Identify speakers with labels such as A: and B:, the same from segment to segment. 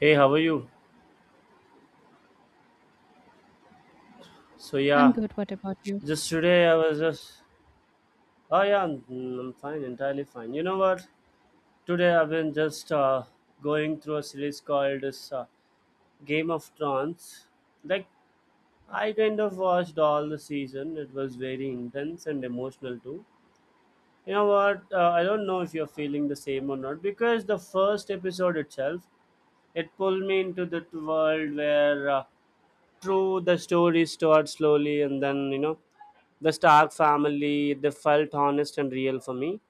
A: Hey, how are you? So
B: I'm
A: yeah,
B: good. What about you?
A: just today I was just oh yeah, I'm fine, entirely fine. You know what? Today I've been just going through a series called this Game of Thrones. Like I kind of watched all the season. It was very intense and emotional too. You know what? I don't know if you're feeling the same or not, because the first episode itself, it pulled me into that world where true, the story starts slowly, and then the Stark family, they felt honest and real for me.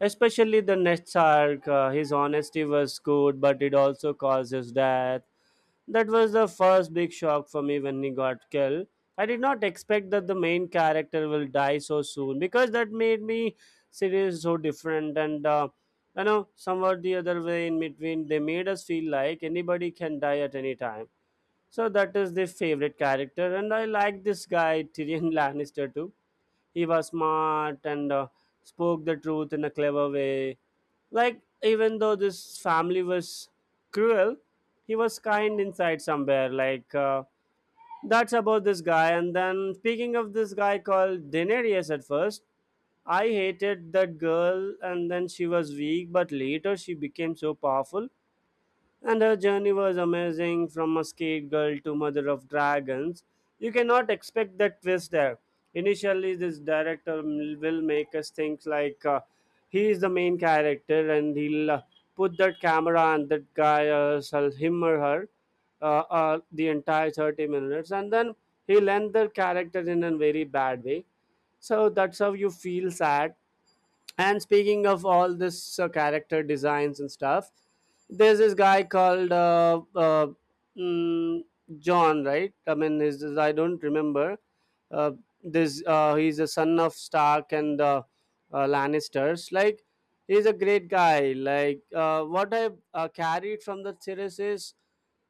A: Especially the next arc, his honesty was good, but it also caused his death. That was the first big shock for me when he got killed. I did not expect that the main character will die so soon, because that made me series so different and you know, somewhat the other way, in between they made us feel like anybody can die at any time, so that is the favorite character, and I like this guy Tyrion Lannister too. He was smart and spoke the truth in a clever way. Like even though this family was cruel, he was kind inside somewhere. Like that's about this guy. And then, speaking of this guy called Daenerys, at first I hated that girl, and then she was weak, but later she became so powerful, and her journey was amazing from a skate girl to mother of dragons. You cannot expect that twist there. Initially, this director will make us think like he is the main character, and he'll put that camera on that guy, sell him or her, the entire 30 minutes. And then he'll end the character in a very bad way. So that's how you feel sad. And speaking of all this character designs and stuff, there's this guy called mm, John, right? I mean, I don't remember. Uh, this he's a son of Stark and Lannisters. Like he's a great guy. Like what I carried from the series is,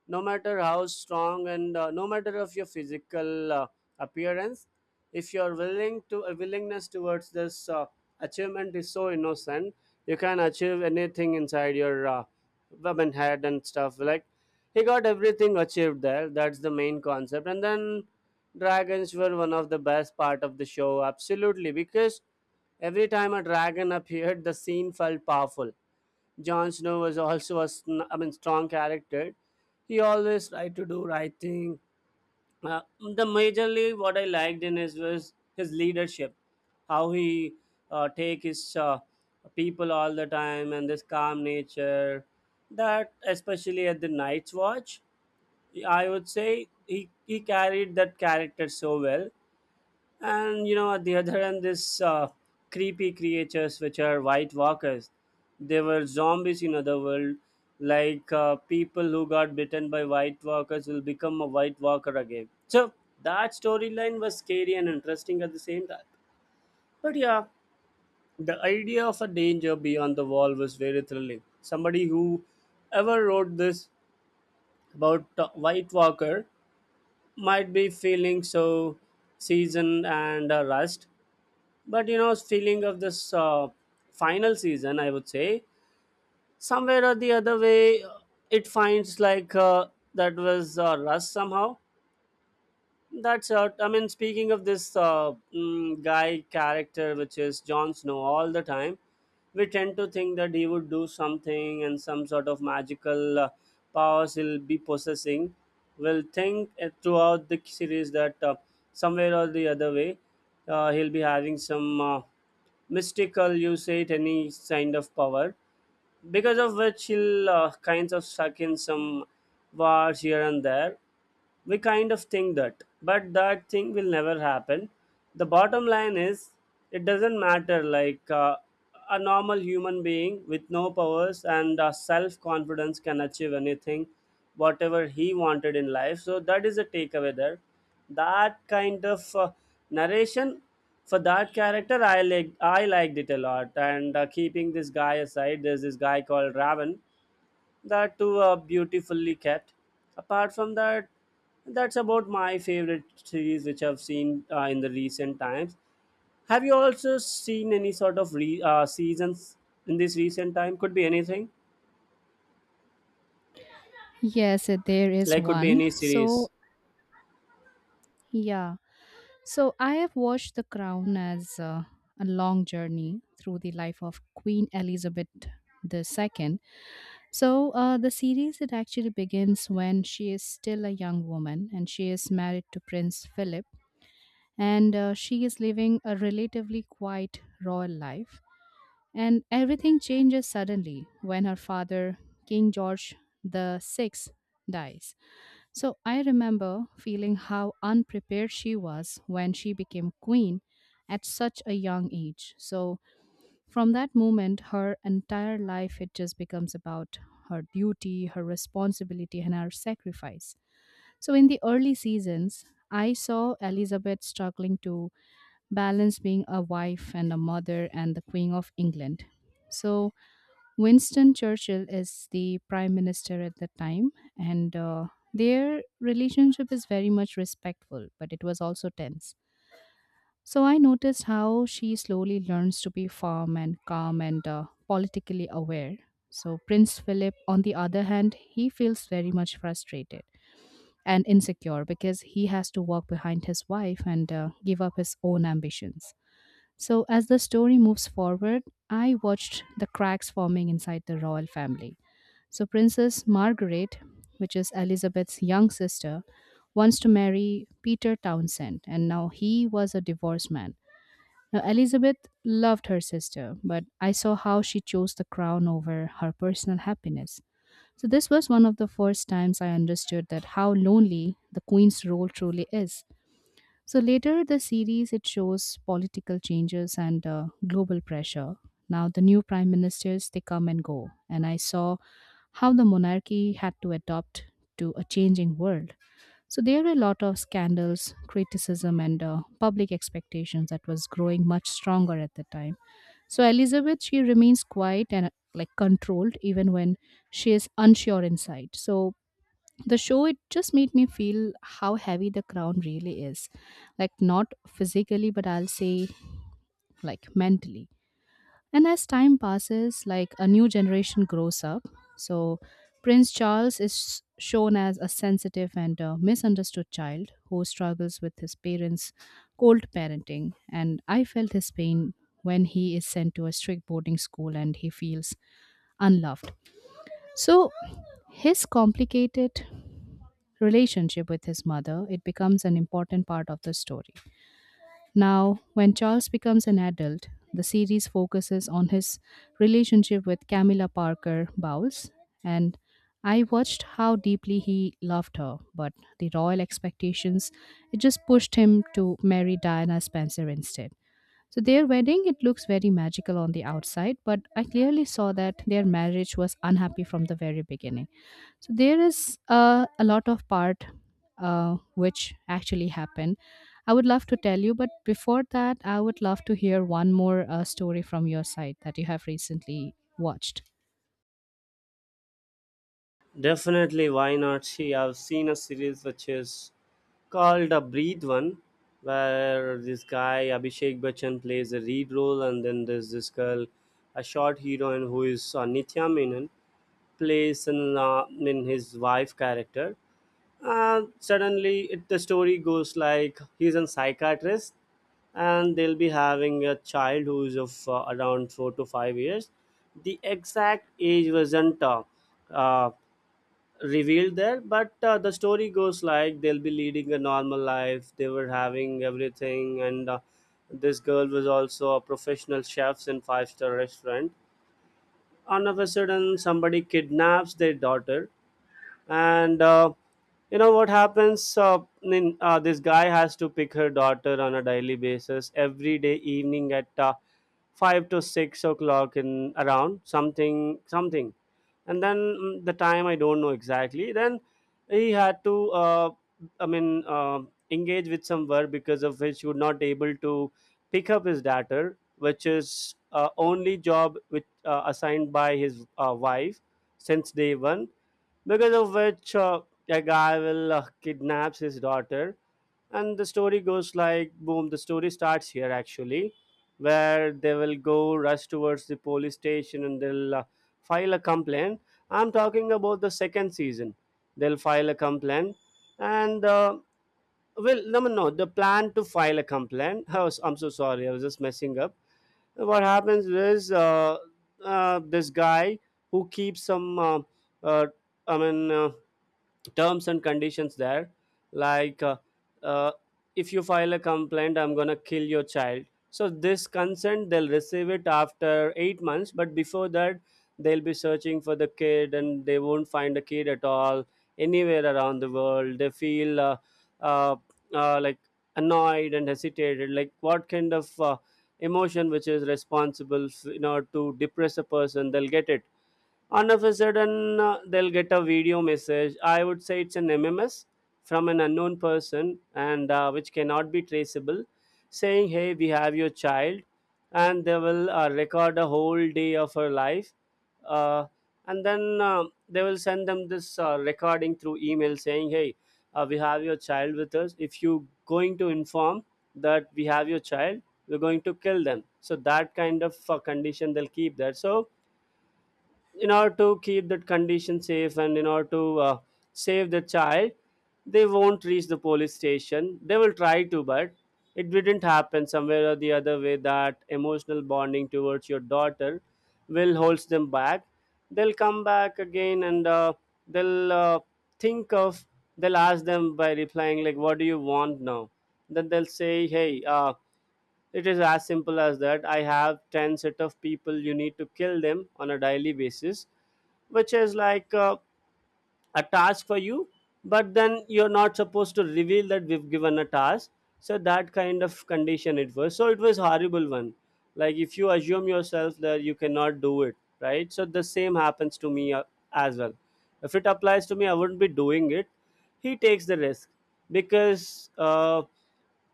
A: no matter how strong and no matter of your physical appearance, if your willing to willingness towards this achievement is so innocent, you can achieve anything inside your woman head and stuff, like he got everything achieved there. That's the main concept. And then dragons were one of the best part of the show, absolutely, because every time a dragon appeared, the scene felt powerful. Jon Snow was also a I mean, strong character. He always tried to do right thing. The majorly what I liked in his was his leadership, how he take his people all the time, and this calm nature. That especially at the Night's Watch, I would say he carried that character so well. And you know, at the other end, this creepy creatures which are white walkers, they were zombies in other world. Like people who got bitten by white walkers will become a white walker again, so that storyline was scary and interesting at the same time. But yeah, the idea of a danger beyond the wall was very thrilling. Somebody who ever wrote this about white walker might be feeling so seasoned and rust. But you know, feeling of this final season, I would say, somewhere or the other way, it finds like that was rust somehow. That's I mean, speaking of this guy character, which is Jon Snow, all the time, we tend to think that he would do something and some sort of magical powers he'll be possessing. We'll think throughout the series that somewhere or the other way, he'll be having some mystical, you say it, any kind of power because of which he'll kinds of suck in some wars here and there. We kind of think that, but that thing will never happen. The bottom line is, it doesn't matter. Like a normal human being with no powers and self confidence can achieve anything, whatever he wanted in life. So that is a takeaway there. That kind of narration for that character, I liked it a lot. And keeping this guy aside, there's this guy called raven, that too beautifully kept. Apart from that, that's about my favorite series which I've seen in the recent times. Have you also seen any sort of seasons in this recent time? Could be anything,
B: Yes, there is
A: like could be
B: one.
A: any series.
B: So, yeah. So, I have watched The Crown as a long journey through the life of Queen Elizabeth II. So, the series it actually begins when she is still a young woman and she is married to Prince Philip. And she is living a relatively quiet, royal life. And everything changes suddenly when her father, King George the Sixth, dies. So I remember feeling how unprepared she was when she became queen at such a young age. So from that moment, her entire life it just becomes about her duty, her responsibility, and her sacrifice. So, in the early seasons, I saw Elizabeth struggling to balance being a wife and a mother and the Queen of England. So, Winston Churchill is the prime minister at the time, and their relationship is very much respectful, but it was also tense. So, I noticed how she slowly learns to be firm and calm and politically aware. So, Prince Philip, on the other hand, he feels very much frustrated and insecure because he has to walk behind his wife and give up his own ambitions. So, as the story moves forward, I watched the cracks forming inside the royal family. So, Princess Margaret, which is Elizabeth's young sister, wants to marry Peter Townsend, and now he was a divorced man. Now, Elizabeth loved her sister, but I saw how she chose the crown over her personal happiness. So, this was one of the first times I understood that how lonely the queen's role truly is. So, later the series it shows political changes and global pressure. Now, the new prime ministers they come and go, and I saw how the monarchy had to adapt to a changing world. So there were a lot of scandals, criticism, and public expectations that was growing much stronger at the time. So Elizabeth, she remains quiet and like controlled even when she is unsure inside. So the show it just made me feel how heavy the crown really is, like not physically, but I'll say like mentally. And as time passes, like a new generation grows up, so Prince Charles is shown as a sensitive and misunderstood child who struggles with his parents' cold parenting. And I felt his pain when he is sent to a strict boarding school and he feels unloved. So his complicated relationship with his mother it becomes an important part of the story. Now, when Charles becomes an adult, the series focuses on his relationship with Camilla Parker Bowles, and I watched how deeply he loved her, but the royal expectations it just pushed him to marry Diana Spencer instead. So their wedding, it looks very magical on the outside, but I clearly saw that their marriage was unhappy from the very beginning. So there is a lot of part which actually happened. I would love to tell you, but before that, I would love to hear one more story from your side that you have recently watched.
A: Definitely, why not? See, I've seen a series which is called a Breathe One, where this guy Abhishek Bachchan plays the lead role, and then there's this girl, a short heroine who is Nithya Menon, plays in his wife character. And suddenly, it, the story goes like he's a psychiatrist, and they'll be having a child who's of around 4 to 5 years. The exact age wasn't uh, revealed there, but the story goes like they'll be leading a normal life. They were having everything, and this girl was also a professional chef in five-star restaurant. All of a sudden, somebody kidnaps their daughter, and you know what happens, this guy has to pick her daughter on a daily basis, every day evening at 5 to 6 o'clock in around something something. And then the time I don't know exactly. Then he had to I mean, engage with some work, because of which he would not able to pick up his daughter, which is only job which assigned by his wife since day one, because of which a guy will kidnaps his daughter. And the story goes like, boom, the story starts here actually, where they will go rush towards the police station, and they'll file a complaint. I'm talking about the second season. They'll file a complaint, and well, no, the plan to file a complaint. I was, I'm so sorry, I was just messing up. What happens is this guy who keeps some uh, I mean, terms and conditions there. Like, uh, if you file a complaint, I'm gonna kill your child. So this consent, they'll receive it after 8 months, but before that, they'll be searching for the kid, and they won't find the kid at all anywhere around the world. They feel uh, like annoyed and hesitated. Like, what kind of emotion which is responsible, to depress a person? They'll get it all of a sudden. They'll get a video message. I would say it's an mms from an unknown person, and which cannot be traceable, saying hey, we have your child. And they will record a whole day of her life, uh, and then they will send them this recording through email saying hey, we have your child with us. If you going to inform that we have your child, we're going to kill them. So that kind of condition they'll keep there. So in order to keep that condition safe, and in order to save the child, they won't reach the police station. They will try to, but it didn't happen. Somewhere or the other way, that emotional bonding towards your daughter will holds them back. They'll come back again, and they'll think of, they'll ask them by replying like, what do you want now? Then they'll say, hey, it is as simple as that. I have 10 set of people, you need to kill them on a daily basis, which is like a task for you. But then you're not supposed to reveal that we've given a task. So that kind of condition, it was, so it was horrible one. Like, if you assume yourself that you cannot do it, right? So the same happens to me as well. If it applies to me, I wouldn't be doing it. He takes the risk, because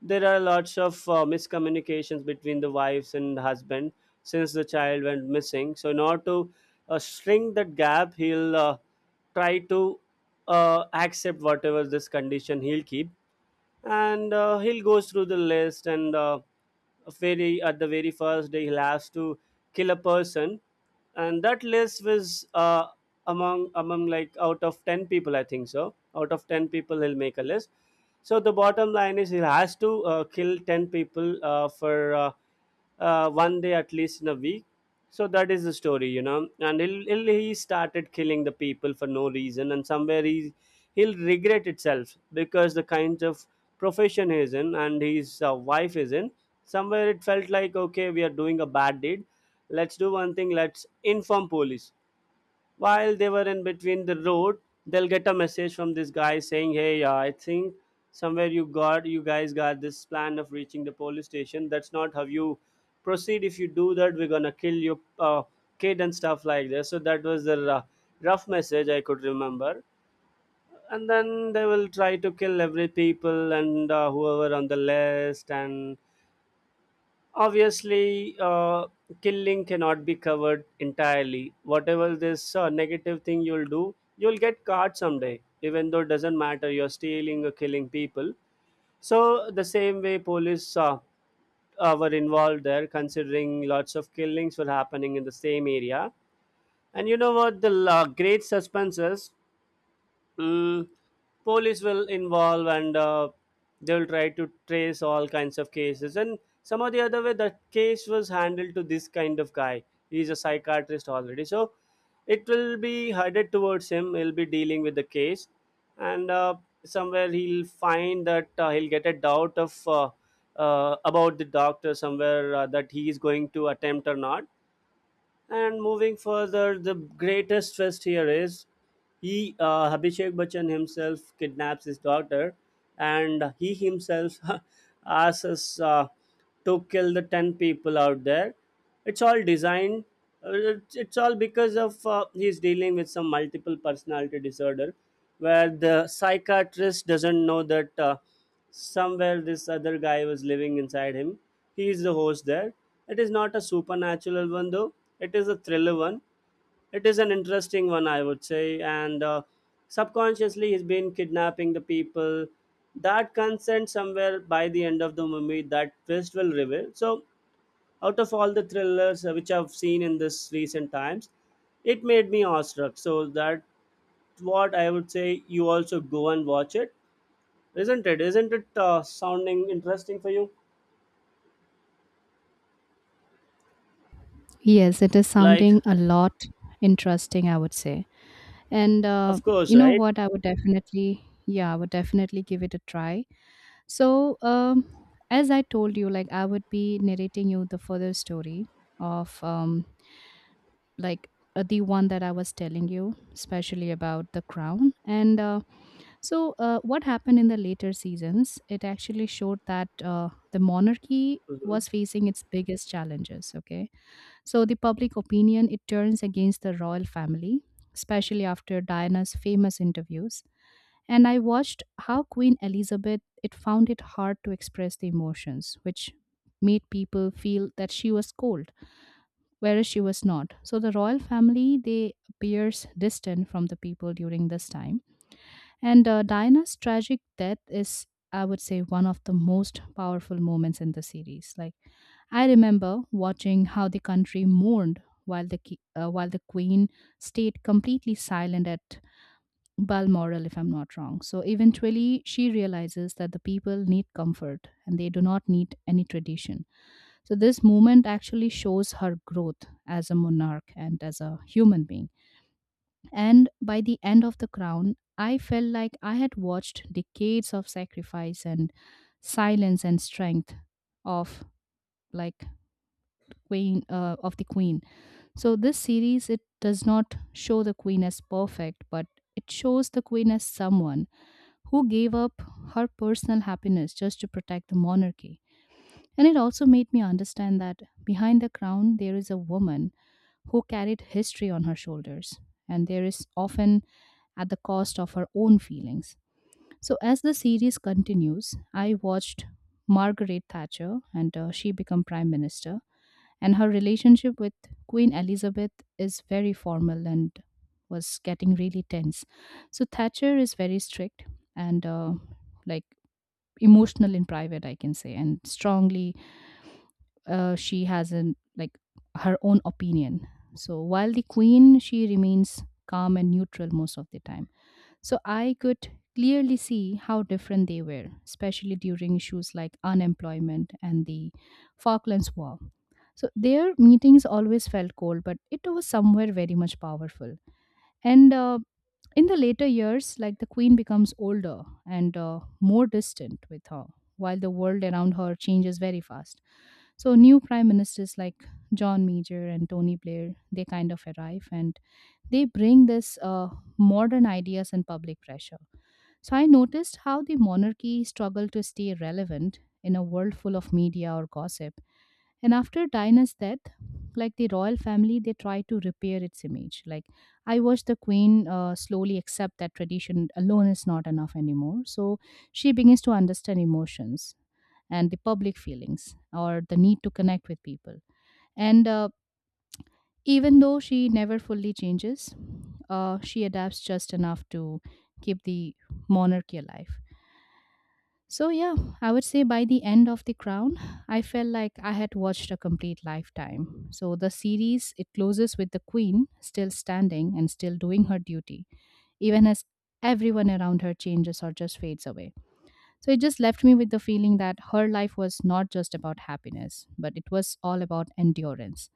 A: there are lots of miscommunications between the wives and husband since the child went missing. So in order to shrink that gap, he'll try to accept whatever this condition he'll keep. And he'll go through the list, and very at the very first day he'll have to kill a person. And that list was among like, out of 10 people, I think. So out of 10 people, he'll make a list. So the bottom line is, he has to kill 10 people for one day at least in a week. So that is the story, you know. And he started killing the people for no reason, and somewhere he'll regret itself, because the kinds of profession he's in and his wife is in, somewhere it felt like, okay, we are doing a bad deed. Let's do one thing, let's inform police. While they were in between the road, they'll get a message from this guy saying, hey, I think somewhere you guys got this plan of reaching the police station. That's not how you proceed. If you do that, we're gonna kill your kid and stuff like this. So that was the rough message I could remember. And then they will try to kill every people, and whoever on the list. And obviously, killing cannot be covered entirely. Whatever this negative thing you'll do, you'll get caught someday, even though it doesn't matter, you're stealing or killing people. So the same way, police were involved there, considering lots of killings were happening in the same area. And you know what the great suspense is. Mm, police will involve, and they'll try to trace all kinds of cases. And somehow the other way, the case was handled to this kind of guy. He's a psychiatrist already. So it will be headed towards him. He'll be dealing with the case. And somewhere he'll find that he'll get a doubt of about the doctor somewhere that he is going to attempt or not. And moving further, the greatest twist here is, he, Abhishek Bachchan himself, kidnaps his daughter. And he himself asks us to kill the 10 people out there. It's all designed. It's all because of he's dealing with some multiple personality disorder, where the psychiatrist doesn't know that. Somewhere this other guy was living inside him. He is the host there. It is not a supernatural one though. It is a thriller one. It is an interesting one, I would say. And subconsciously, he's been kidnapping the people. That consent, somewhere by the end of the movie, that twist will reveal. So, out of all the thrillers which I've seen in this recent times, it made me awestruck. So that what I would say. You also go and watch it, isn't it? Isn't it sounding interesting for you?
B: Yes, it is
A: Like,
B: sounding a lot interesting, I would say. And
A: of course,
B: you know
A: right?
B: what? I would definitely, yeah, I would definitely give it a try. So, as I told you, like I would be narrating you the further story of like the one that I was telling you, especially about the crown. And So what happened in the later seasons? It actually showed that the monarchy
A: Hmm.
B: was facing its biggest challenges. Okay, so the public opinion it turns against the royal family, especially after Diana's famous interviews, and I watched how Queen Elizabeth it found it hard to express the emotions, which made people feel that she was cold, whereas she was not. So the royal family they appears distant from the people during this time, and Diana's tragic death is, I would say, one of the most powerful moments in the series. Like I remember watching how the country mourned while while the queen stayed completely silent at Balmoral, if I'm not wrong. So eventually, she realizes that the people need comfort and they do not need any tradition. So, this movement actually shows her growth as a monarch and as a human being. And by the end of The Crown, I felt like I had watched decades of sacrifice and silence and strength of, like, queen of the queen. So this series it does not show the queen as perfect, but it shows the queen as someone who gave up her personal happiness just to protect the monarchy. And it also made me understand that behind the crown, there is a woman who carried history on her shoulders, and there is often at the cost of her own feelings. So, as the series continues, I watched Margaret Thatcher and she become prime minister, and her relationship with Queen Elizabeth is very formal and was getting really tense. So, Thatcher is very strict and like emotional in private, I can say, and strongly she has an, like, her own opinion. So while the queen she remains calm and neutral most of the time, so I could clearly see how different they were, especially during issues like unemployment and the Falklands War. So their meetings always felt cold, but it was somewhere very much powerful. And in the later years, like the queen becomes older and more distant with her, while the world around her changes very fast. So new prime ministers like John Major and Tony Blair, they kind of arrive and they bring this modern ideas and public pressure. So I noticed how the monarchy struggled to stay relevant in a world full of media or gossip. And after Diana's death, like the royal family, they tried to repair its image. Like I watched the queen slowly accept that tradition alone is not enough anymore. So she begins to understand emotions and the public feelings or the need to connect with people. And even though she never fully changes, she adapts just enough to keep the monarchy alive. So, yeah, I would say by the end of The Crown, I felt like I had watched a complete lifetime. So, the series it closes with the Queen still standing and still doing her duty, even as everyone around her changes or just fades away. So, it just left me with the feeling that her life was not just about happiness, but it was all about endurance.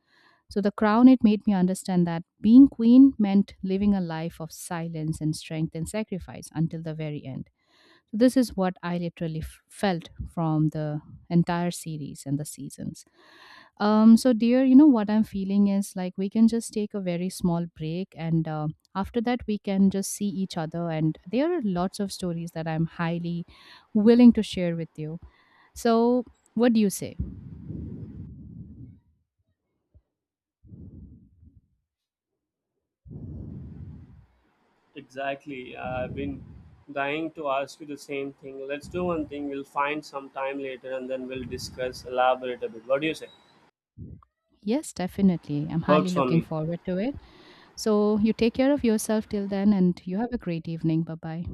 B: So, The Crown it made me understand that being Queen meant living a life of silence and strength and sacrifice until the very end. So this is what I literally felt from the entire series and the seasons. So, dear, you know what I'm feeling is like we can just take a very small break, and after that, we can just see each other. And there are lots of stories that I'm highly willing to share with you. So, what do you say?
A: Exactly. I've been dying to ask you the same thing. Let's do one thing. We'll find some time later, and then we'll discuss, elaborate a bit. What do you say?
B: Yes, definitely. I'm highly
A: Works for
B: looking
A: me.
B: forward to it. So, you take care of yourself till then, and you have a great evening. Bye bye.